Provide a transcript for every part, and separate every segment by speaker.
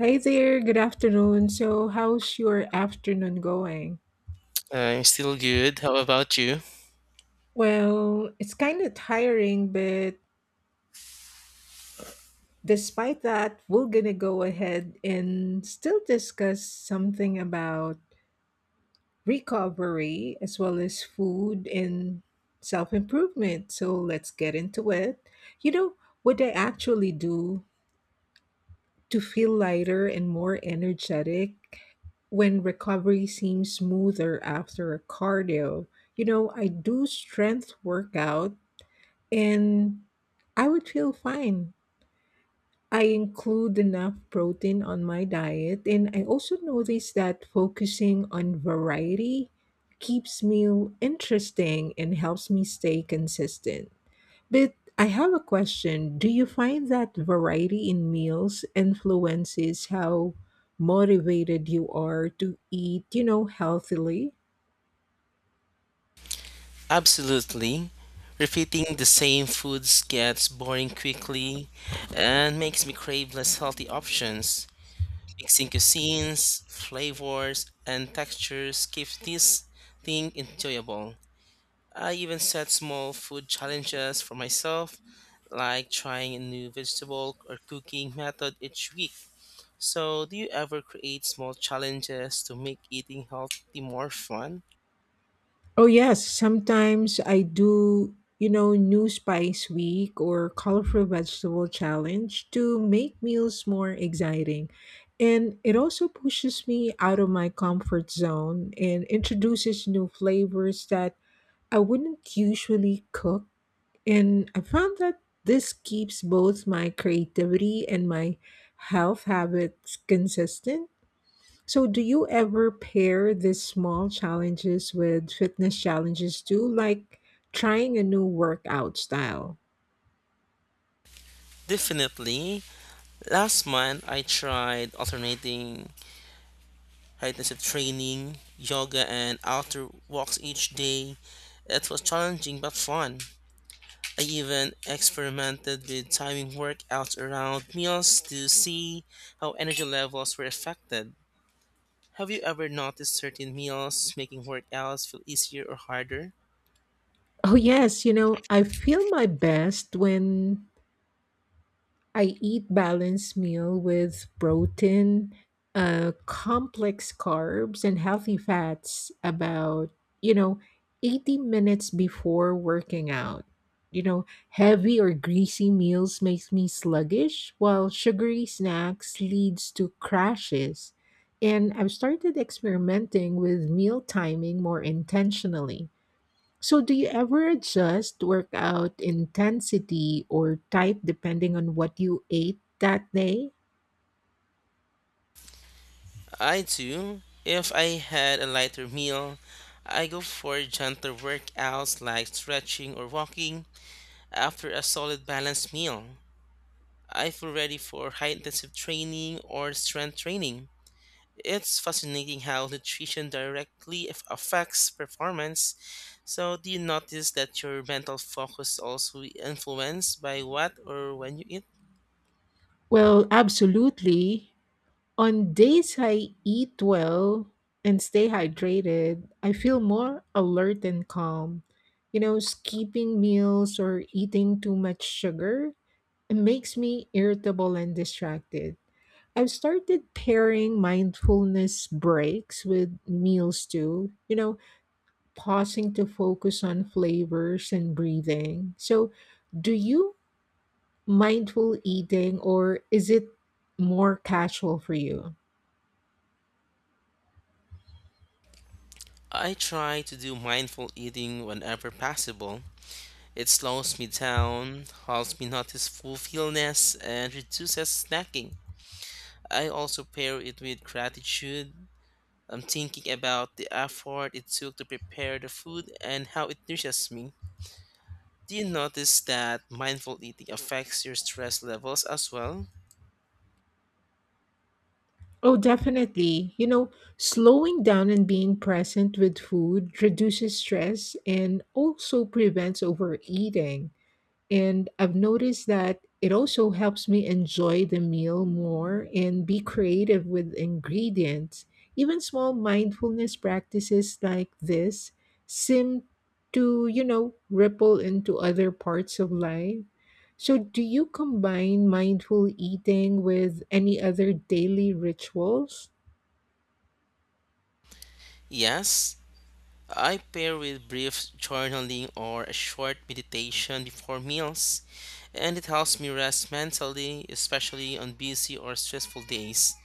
Speaker 1: Hi there, good afternoon. So, how's your afternoon going?
Speaker 2: I'm still good. How about you?
Speaker 1: Well, it's kind of tiring, but despite that, we're gonna go ahead and still discuss something about recovery as well as food and self improvement. So, let's get into it. You know, what I actually do to feel lighter and more energetic when recovery seems smoother after a cardio. I do strength workout and I would feel fine. I include enough protein on my diet and I also notice that focusing on variety keeps me interesting and helps me stay consistent. But I have a question. Do you find that variety in meals influences how motivated you are to eat, healthily?
Speaker 2: Absolutely. Repeating the same foods gets boring quickly and makes me crave less healthy options. Mixing cuisines, flavors, and textures keeps this thing enjoyable. I even set small food challenges for myself, like trying a new vegetable or cooking method each week. So, do you ever create small challenges to make eating healthy more fun?
Speaker 1: Oh, yes. Sometimes I do, new spice week or colorful vegetable challenge to make meals more exciting. And it also pushes me out of my comfort zone and introduces new flavors that I wouldn't usually cook. And I found that this keeps both my creativity and my health habits consistent. So, do you ever pair these small challenges with fitness challenges too, like trying a new workout style?
Speaker 2: Definitely. Last month, I tried alternating fitness and training, yoga, and outdoor walks each day. It was challenging but fun. I even experimented with timing workouts around meals to see how energy levels were affected. Have you ever noticed certain meals making workouts feel easier or harder?
Speaker 1: Oh, yes. I feel my best when I eat balanced meal with protein, complex carbs, and healthy fats about, you know, 80 minutes before working out. Heavy or greasy meals makes me sluggish, while sugary snacks leads to crashes. And I've started experimenting with meal timing more intentionally. So, do you ever adjust workout intensity or type depending on what you ate that day?
Speaker 2: I do. If I had a lighter meal, I go for gentler workouts like stretching or walking. After a solid balanced meal, I feel ready for high intensive training or strength training. It's fascinating how nutrition directly affects performance. So, do you notice that your mental focus is also influenced by what or when you eat?
Speaker 1: Well, absolutely. On days I eat well and stay hydrated, I feel more alert and calm. Skipping meals or eating too much sugar it makes me irritable and distracted. I've started pairing mindfulness breaks with meals too, pausing to focus on flavors and breathing. So, do you mindful eating or is it more casual for you?
Speaker 2: I try to do mindful eating whenever possible. It slows me down, helps me notice fulfillness, and reduces snacking. I also pair it with gratitude. I'm thinking about the effort it took to prepare the food and how it nourishes me. Do you notice that mindful eating affects your stress levels as well?
Speaker 1: Oh, definitely. Slowing down and being present with food reduces stress and also prevents overeating. And I've noticed that it also helps me enjoy the meal more and be creative with ingredients. Even small mindfulness practices like this seem to, ripple into other parts of life. So, do you combine mindful eating with any other daily rituals?
Speaker 2: Yes, I pair with brief journaling or a short meditation before meals, and it helps me rest mentally, especially on busy or stressful days.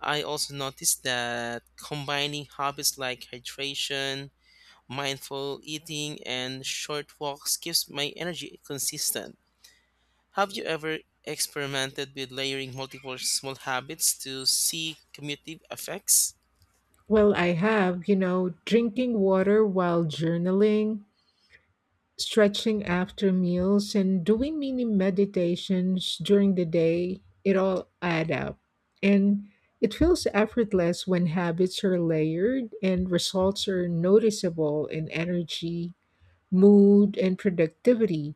Speaker 2: I also noticed that combining hobbies like hydration, mindful eating, and short walks keeps my energy consistent. Have you ever experimented with layering multiple small habits to see cumulative effects?
Speaker 1: Well, I have, drinking water while journaling, stretching after meals and doing mini meditations during the day, it all add up. And it feels effortless when habits are layered and results are noticeable in energy, mood, and productivity.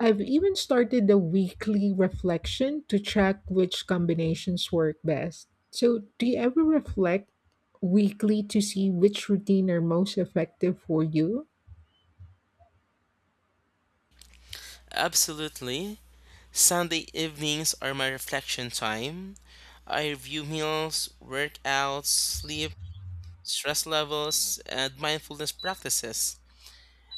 Speaker 1: I've even started a weekly reflection to track which combinations work best. So, do you ever reflect weekly to see which routine are most effective for you?
Speaker 2: Absolutely. Sunday evenings are my reflection time. I review meals, workouts, sleep, stress levels, and mindfulness practices.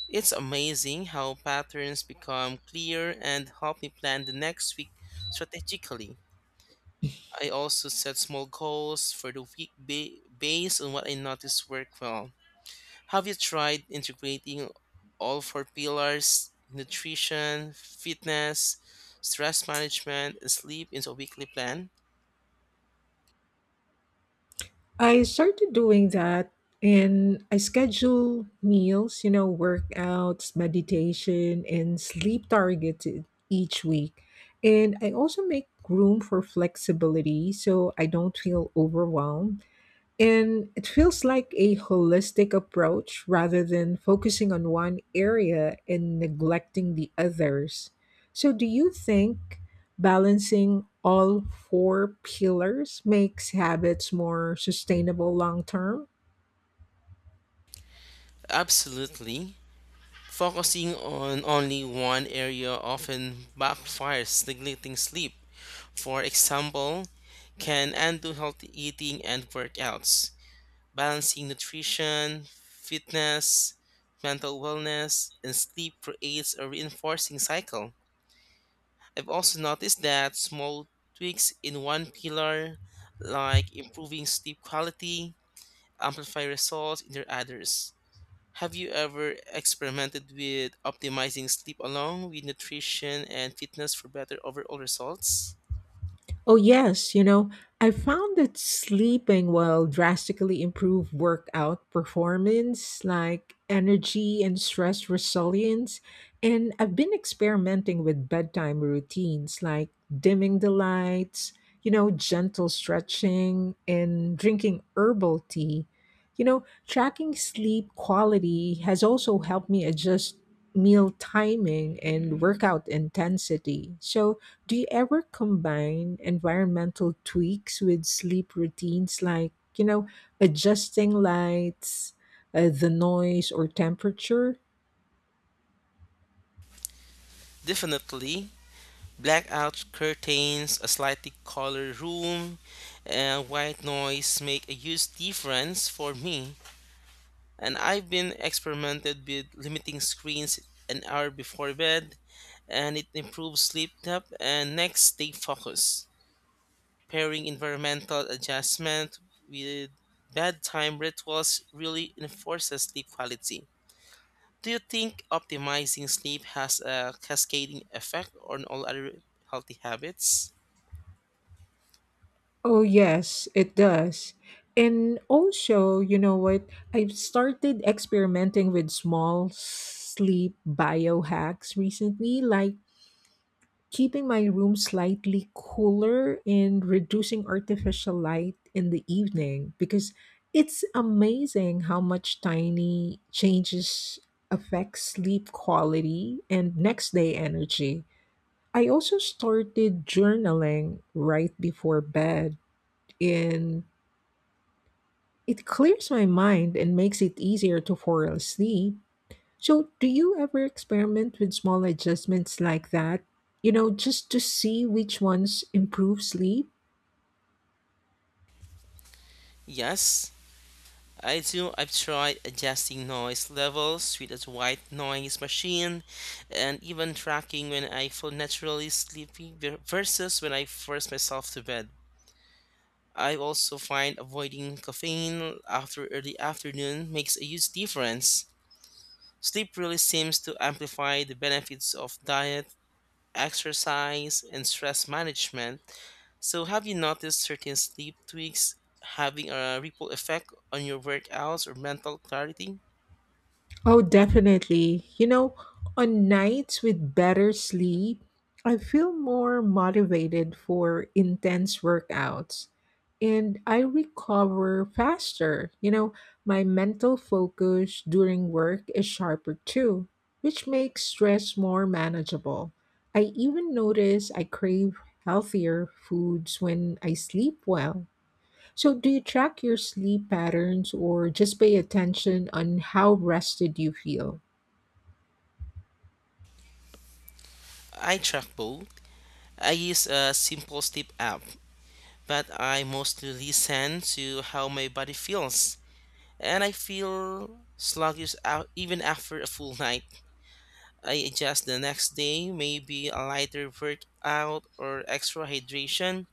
Speaker 2: It's amazing how patterns become clear and help me plan the next week strategically. I also set small goals for the week based on what I notice work well. Have you tried integrating all four pillars, nutrition, fitness, stress management, and sleep into a weekly plan?
Speaker 1: I started doing that and I schedule meals, workouts, meditation, and sleep targeted each week. And I also make room for flexibility so I don't feel overwhelmed. And it feels like a holistic approach rather than focusing on one area and neglecting the others. So, do you think balancing all four pillars makes habits more sustainable long term?
Speaker 2: Absolutely. Focusing on only one area often backfires, neglecting sleep, for example, can undo healthy eating and workouts. Balancing nutrition, fitness, mental wellness, and sleep creates a reinforcing cycle. I've also noticed that small tweaks in one pillar, like improving sleep quality, amplify results in their others. Have you ever experimented with optimizing sleep along with nutrition and fitness for better overall results?
Speaker 1: Oh, yes. I found that sleeping will drastically improve workout performance, like energy and stress resilience. And I've been experimenting with bedtime routines like dimming the lights, gentle stretching, and drinking herbal tea. Tracking sleep quality has also helped me adjust meal timing and workout intensity. So, do you ever combine environmental tweaks with sleep routines like, adjusting lights, the noise, or temperature?
Speaker 2: Definitely. Blackout curtains, a slightly colored room, and white noise make a huge difference for me. And I've been experimented with limiting screens an hour before bed, and it improves sleep depth and next day focus. Pairing environmental adjustment with bedtime rituals really enforces sleep quality. Do you think optimizing sleep has a cascading effect on all other healthy habits?
Speaker 1: Oh, yes, it does. And also, you know what? I've started experimenting with small sleep biohacks recently, like keeping my room slightly cooler and reducing artificial light in the evening because it's amazing how much tiny changes affect sleep quality and next day energy. I also started journaling right before bed and it clears my mind and makes it easier to fall asleep. So, do you ever experiment with small adjustments like that? You know, just to see which ones improve sleep?
Speaker 2: Yes. I do. I've tried adjusting noise levels with a white noise machine and even tracking when I feel naturally sleepy versus when I force myself to bed. I also find avoiding caffeine after early afternoon makes a huge difference. Sleep really seems to amplify the benefits of diet, exercise, and stress management. So, have you noticed certain sleep tweaks having a ripple effect on your workouts or mental clarity?
Speaker 1: Oh, definitely. On nights with better sleep, I feel more motivated for intense workouts and I recover faster. My mental focus during work is sharper too, which makes stress more manageable. I even notice I crave healthier foods when I sleep well. So, do you track your sleep patterns or just pay attention on how rested you feel?
Speaker 2: I track both. I use a simple sleep app, but I mostly listen to how my body feels. And I feel sluggish out even after a full night. I adjust the next day, maybe a lighter workout or extra hydration.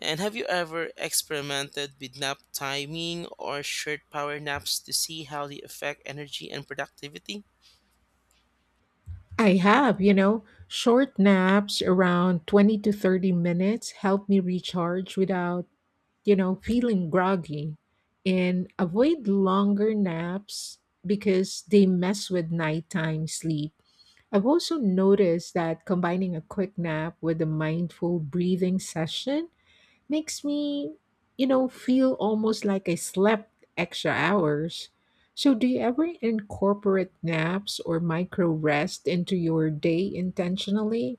Speaker 2: And have you ever experimented with nap timing or short power naps to see how they affect energy and productivity?
Speaker 1: I have, short naps around 20 to 30 minutes help me recharge without, feeling groggy and avoid longer naps because they mess with nighttime sleep. I've also noticed that combining a quick nap with a mindful breathing session makes me, feel almost like I slept extra hours. So, do you ever incorporate naps or micro rest into your day intentionally?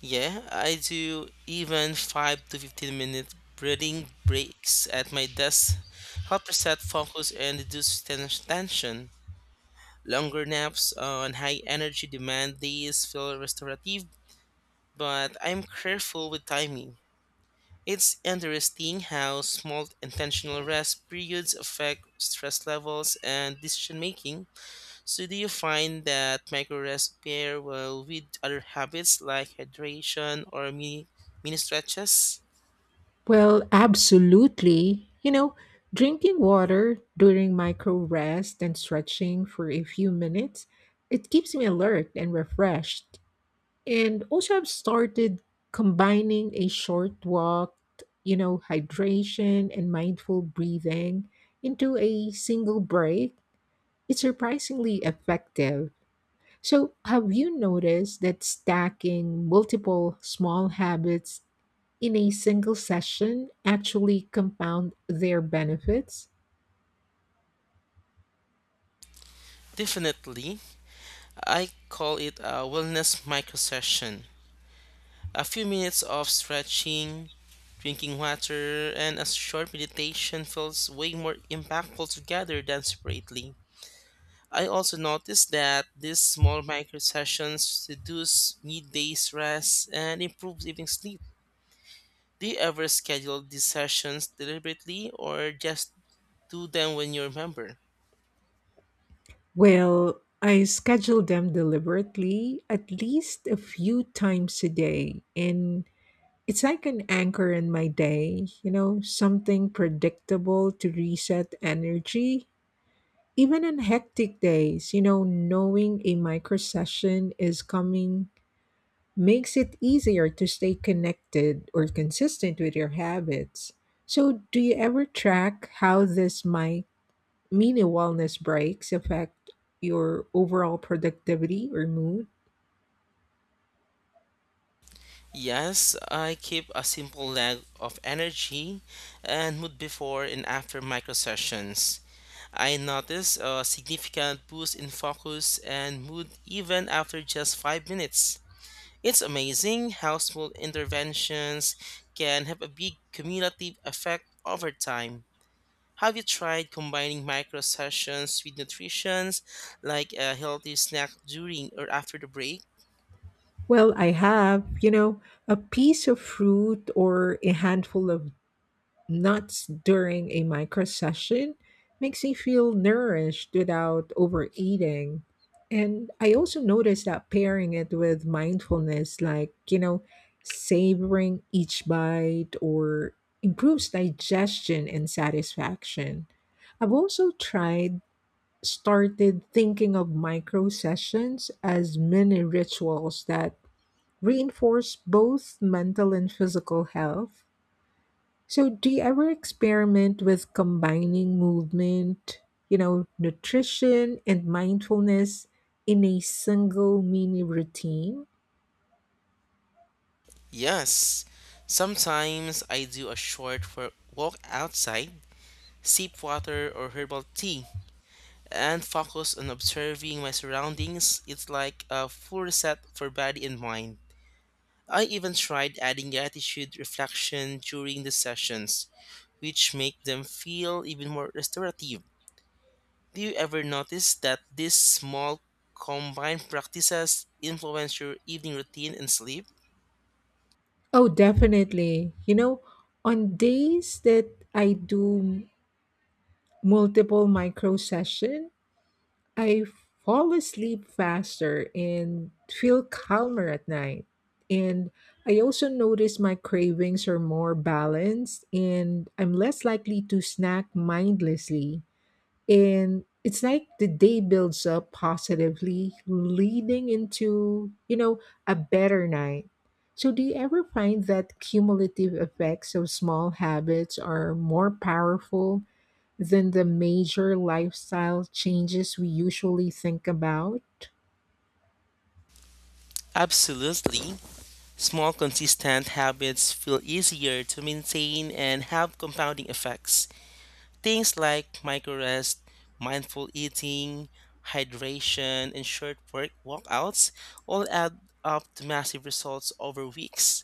Speaker 2: Yeah, I do. Even 5 to 15 minute breathing breaks at my desk help reset focus and reduce tension. Longer naps on high energy demand days feel restorative, but I'm careful with timing. It's interesting how small intentional rest periods affect stress levels and decision making. So, do you find that micro rest pair well with other habits like hydration or mini stretches?
Speaker 1: Well, absolutely. Drinking water during micro rest and stretching for a few minutes, it keeps me alert and refreshed. And also, I've started combining a short walk, hydration and mindful breathing into a single break. It's surprisingly effective. So, have you noticed that stacking multiple small habits in a single session actually compound their benefits?
Speaker 2: Definitely. I call it a wellness micro session. A few minutes of stretching, drinking water, and a short meditation feels way more impactful together than separately. I also noticed that these small micro sessions reduce midday stress and improve evening sleep. Do you ever schedule these sessions deliberately or just do them when you remember?
Speaker 1: Well, I schedule them deliberately at least a few times a day, and it's like an anchor in my day, something predictable to reset energy. Even on hectic days, knowing a micro session is coming makes it easier to stay connected or consistent with your habits. So, do you ever track how this my mini wellness breaks affect your overall productivity or mood?
Speaker 2: Yes, I keep a simple log of energy and mood before and after micro sessions. I notice a significant boost in focus and mood even after just 5 minutes. It's amazing how small interventions can have a big cumulative effect over time. Have you tried combining micro sessions with nutrition, like a healthy snack during or after the break?
Speaker 1: Well, I have, a piece of fruit or a handful of nuts during a micro session makes me feel nourished without overeating. And I also noticed that pairing it with mindfulness, like, savoring each bite or improves digestion and satisfaction. I've also tried started thinking of micro sessions as mini rituals that reinforce both mental and physical health. So, do you ever experiment with combining movement, nutrition and mindfulness in a single mini routine?
Speaker 2: Yes. Sometimes I do a short walk outside, sip water or herbal tea, and focus on observing my surroundings. It's like a full reset for body and mind. I even tried adding gratitude reflection during the sessions, which make them feel even more restorative. Do you ever notice that these small combined practices influence your evening routine and sleep?
Speaker 1: Oh, definitely. On days that I do m- multiple micro session, I fall asleep faster and feel calmer at night. And I also notice my cravings are more balanced and I'm less likely to snack mindlessly. And it's like the day builds up positively leading into, a better night. So do you ever find that cumulative effects of small habits are more powerful than the major lifestyle changes we usually think about?
Speaker 2: Absolutely. Small consistent habits feel easier to maintain and have compounding effects. Things like micro rest, mindful eating, hydration, and short work walkouts all add up to massive results over weeks.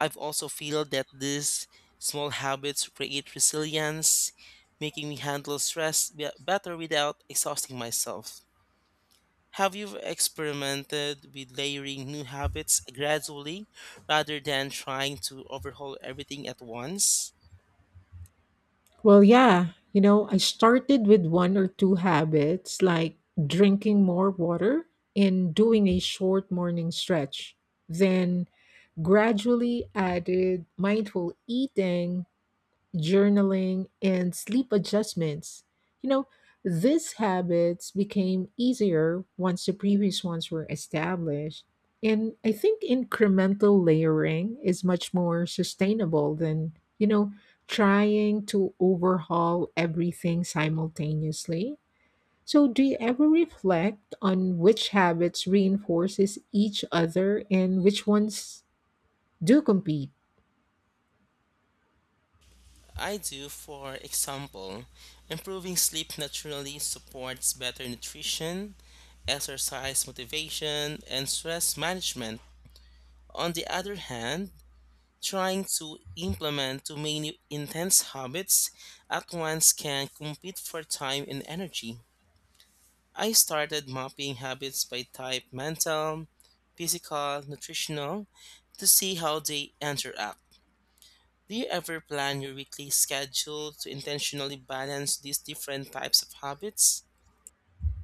Speaker 2: I've also feel that these small habits create resilience, making me handle stress better without exhausting myself. Have you experimented with layering new habits gradually rather than trying to overhaul everything at once?
Speaker 1: Well, yeah, I started with one or two habits like drinking more water and doing a short morning stretch, then gradually added mindful eating, journaling, and sleep adjustments. You know, these habits became easier once the previous ones were established. And I think incremental layering is much more sustainable than, trying to overhaul everything simultaneously. So, do you ever reflect on which habits reinforces each other and which ones do compete?
Speaker 2: I do. For example, improving sleep naturally supports better nutrition, exercise motivation, and stress management. On the other hand, trying to implement too many intense habits at once can compete for time and energy. I started mapping habits by type, mental, physical, nutritional, to see how they interact. Do you ever plan your weekly schedule to intentionally balance these different types of habits?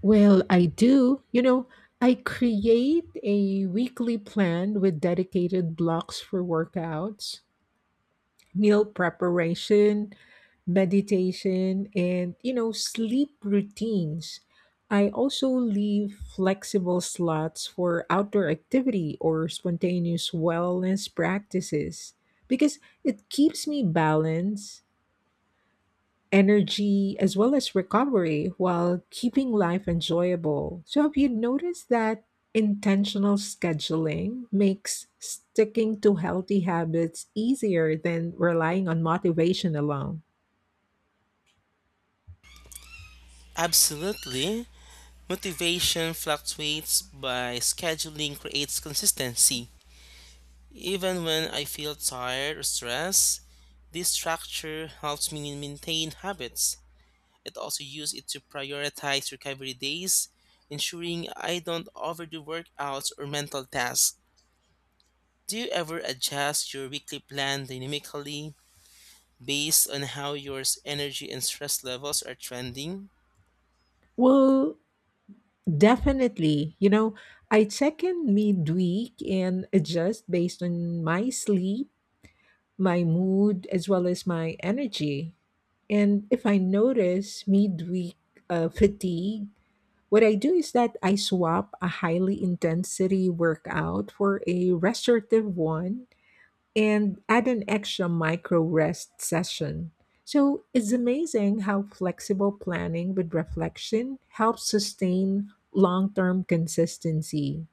Speaker 1: Well, I do. I create a weekly plan with dedicated blocks for workouts, meal preparation, meditation, and, sleep routines. I also leave flexible slots for outdoor activity or spontaneous wellness practices because it keeps me balanced energy as well as recovery while keeping life enjoyable. So, have you noticed that intentional scheduling makes sticking to healthy habits easier than relying on motivation alone?
Speaker 2: Absolutely. Motivation fluctuates by scheduling creates consistency. Even when I feel tired or stressed, this structure helps me maintain habits. It also use it to prioritize recovery days, ensuring I don't overdo workouts or mental tasks. Do you ever adjust your weekly plan dynamically based on how your energy and stress levels are trending?
Speaker 1: Well, definitely. I check in midweek and adjust based on my sleep, my mood, as well as my energy. And if I notice midweek fatigue, what I do is that I swap a highly intensity workout for a restorative one and add an extra micro rest session. So it's amazing how flexible planning with reflection helps sustain long term consistency.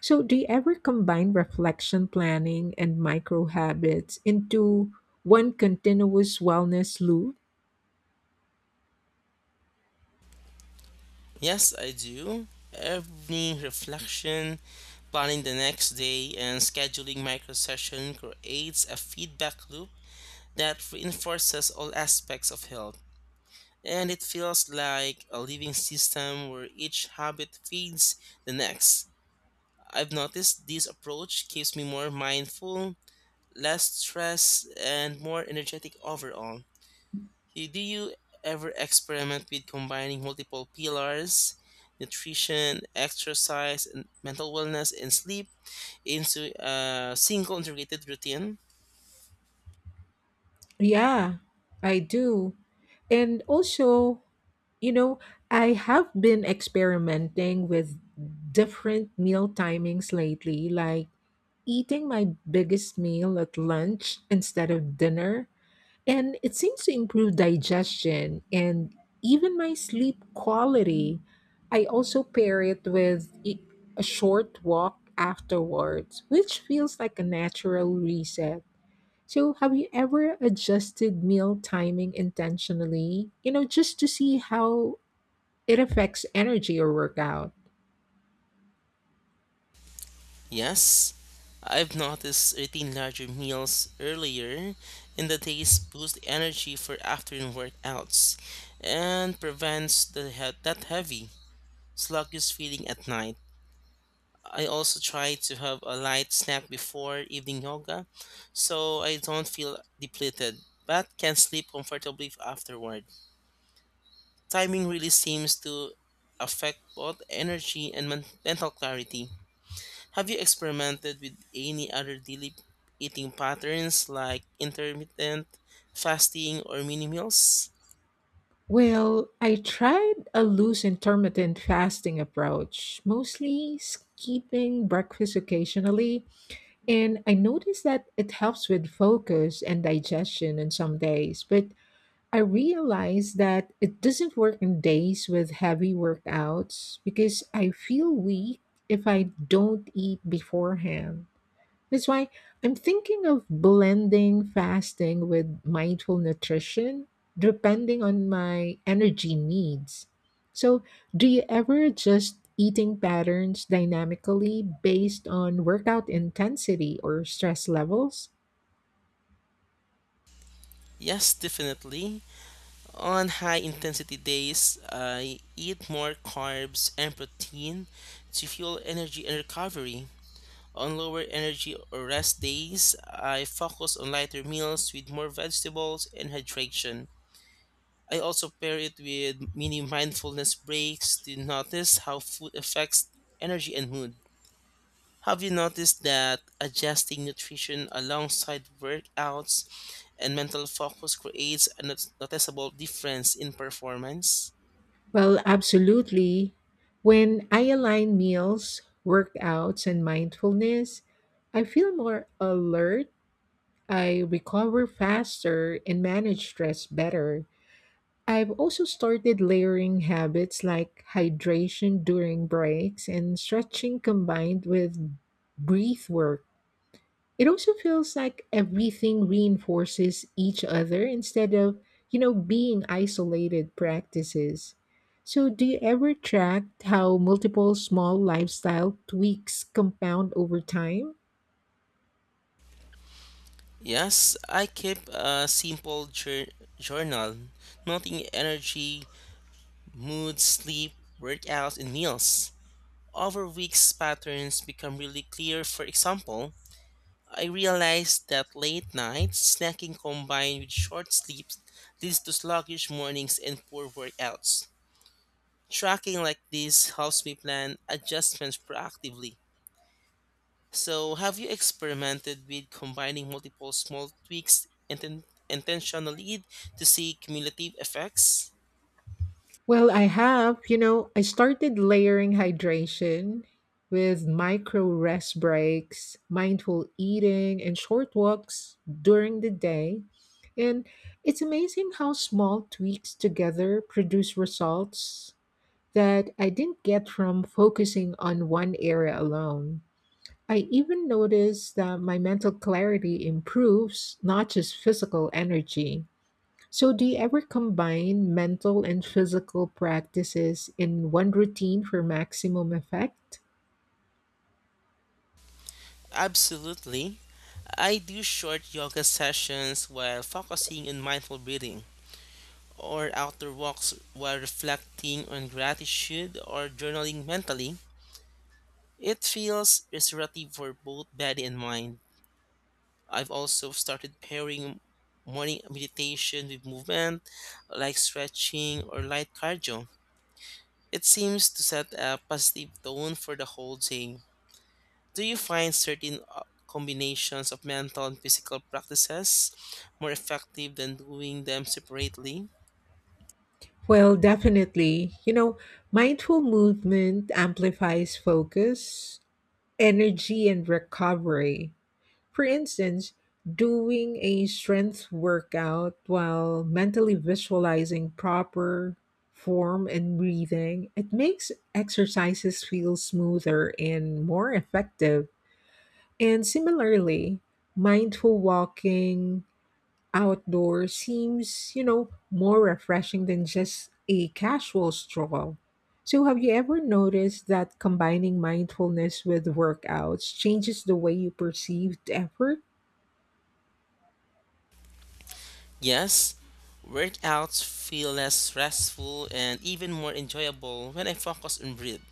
Speaker 1: So, do you ever combine reflection planning and micro habits into one continuous wellness loop?
Speaker 2: Yes, I do. Evening reflection, planning the next day, and scheduling micro session creates a feedback loop that reinforces all aspects of health. And it feels like a living system where each habit feeds the next. I've noticed this approach keeps me more mindful, less stressed, and more energetic overall. Do you ever experiment with combining multiple pillars, nutrition, exercise, and mental wellness and sleep into a single integrated routine?
Speaker 1: Yeah, I do. And also, you know, I have been experimenting with different meal timings lately, like eating my biggest meal at lunch instead of dinner. And it seems to improve digestion and even my sleep quality. I also pair it with a short walk afterwards, which feels like a natural reset. So, have you ever adjusted meal timing intentionally, just to see how it affects energy or workout?
Speaker 2: Yes, I've noticed eating larger meals earlier in the days boosts energy for afternoon workouts and prevents the that heavy, sluggish feeling at night. I also try to have a light snack before evening yoga so I don't feel depleted but can sleep comfortably afterward. Timing really seems to affect both energy and mental clarity. Have you experimented with any other daily eating patterns like intermittent fasting or mini meals?
Speaker 1: Well, I tried a loose intermittent fasting approach, mostly skipping breakfast occasionally, and I noticed that it helps with focus and digestion on some days, but I realize that it doesn't work in days with heavy workouts because I feel weak if I don't eat beforehand. That's why I'm thinking of blending fasting with mindful nutrition depending on my energy needs. So, do you ever adjust eating patterns dynamically based on workout intensity or stress levels?
Speaker 2: Yes, definitely. On high intensity days, I eat more carbs and protein to fuel energy and recovery. On lower energy or rest days, I focus on lighter meals with more vegetables and hydration. I also pair it with mini mindfulness breaks to notice how food affects energy and mood. Have you noticed that adjusting nutrition alongside workouts and mental focus creates a noticeable difference in performance?
Speaker 1: Well, absolutely. When I align meals, workouts, and mindfulness, I feel more alert, I recover faster, and manage stress better. I've also started layering habits like hydration during breaks and stretching combined with breath work. It also feels like everything reinforces each other instead of, being isolated practices. So, do you ever track how multiple small lifestyle tweaks compound over time?
Speaker 2: Yes, I keep a simple journal, noting energy, mood, sleep, workouts, and meals. Over weeks, patterns become really clear. For example, I realized that late nights snacking combined with short sleeps leads to sluggish mornings and poor workouts. Tracking like this helps me plan adjustments proactively. So, have you experimented with combining multiple small tweaks intentionally to see cumulative effects?
Speaker 1: Well, I have. I started layering hydration with micro rest breaks, mindful eating, and short walks during the day. And it's amazing how small tweaks together produce results that I didn't get from focusing on one area alone. I even noticed that my mental clarity improves, not just physical energy. So, do you ever combine mental and physical practices in one routine for maximum effect?
Speaker 2: Absolutely. I do short yoga sessions while focusing on mindful breathing, or outdoor walks while reflecting on gratitude or journaling mentally. It feels restorative for both body and mind. I've also started pairing morning meditation with movement like stretching or light cardio. It seems to set a positive tone for the whole day. Do you find certain combinations of mental and physical practices more effective than doing them separately?
Speaker 1: Well, definitely. Mindful movement amplifies focus, energy, and recovery. For instance, doing a strength workout while mentally visualizing proper form and breathing, it makes exercises feel smoother and more effective. And similarly, mindful walking outdoors seems, more refreshing than just a casual stroll. So, have you ever noticed that combining mindfulness with workouts changes the way you perceive effort?
Speaker 2: Yes, workouts feel less stressful and even more enjoyable when I focus on breath,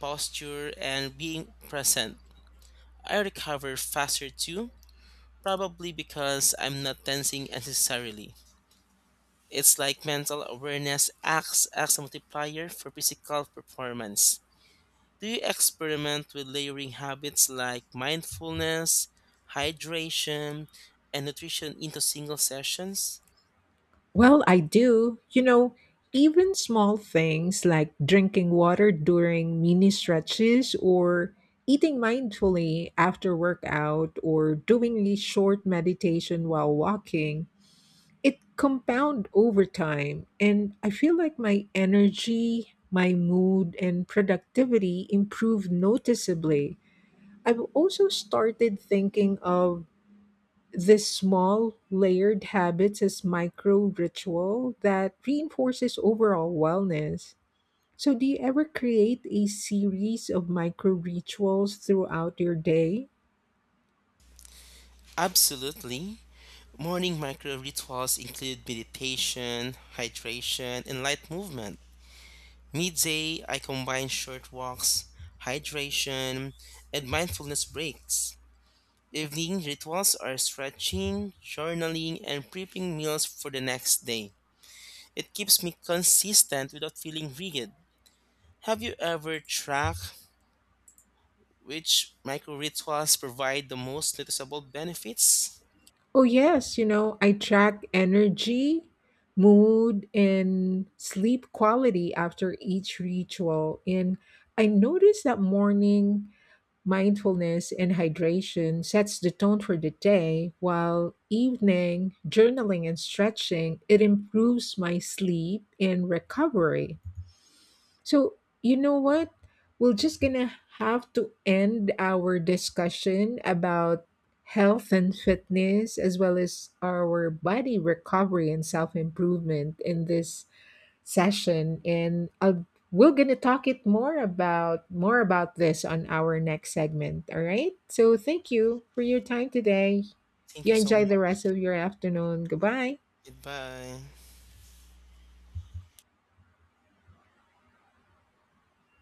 Speaker 2: posture, and being present. I recover faster too, probably because I'm not tensing unnecessarily. It's like mental awareness acts as a multiplier for physical performance. Do you experiment with layering habits like mindfulness, hydration, and nutrition into single sessions?
Speaker 1: Well, I do. Even small things like drinking water during mini stretches or eating mindfully after workout or doing a short meditation while walking, it compound over time and I feel like my energy, my mood and productivity improve noticeably. I've also started thinking of this small, layered habits as micro ritual that reinforces overall wellness. So, do you ever create a series of micro rituals throughout your day?
Speaker 2: Absolutely. Morning micro rituals include meditation, hydration, and light movement. Midday, I combine short walks, hydration, and mindfulness breaks. Evening rituals are stretching, journaling, and prepping meals for the next day. It keeps me consistent without feeling rigid. Have you ever tracked which micro rituals provide the most noticeable benefits?
Speaker 1: Oh, yes. I track energy, mood, and sleep quality after each ritual. And I notice that morning mindfulness and hydration sets the tone for the day while evening journaling and stretching it improves my sleep and recovery. So, you know what, we're just gonna have to end our discussion about health and fitness as well as our body recovery and self-improvement in this session. And we're going to talk it more about this on our next segment. All right, so thank you for your time today.
Speaker 2: Thank you
Speaker 1: You
Speaker 2: so
Speaker 1: enjoy the
Speaker 2: much.
Speaker 1: rest of your afternoon. Goodbye.
Speaker 2: Goodbye.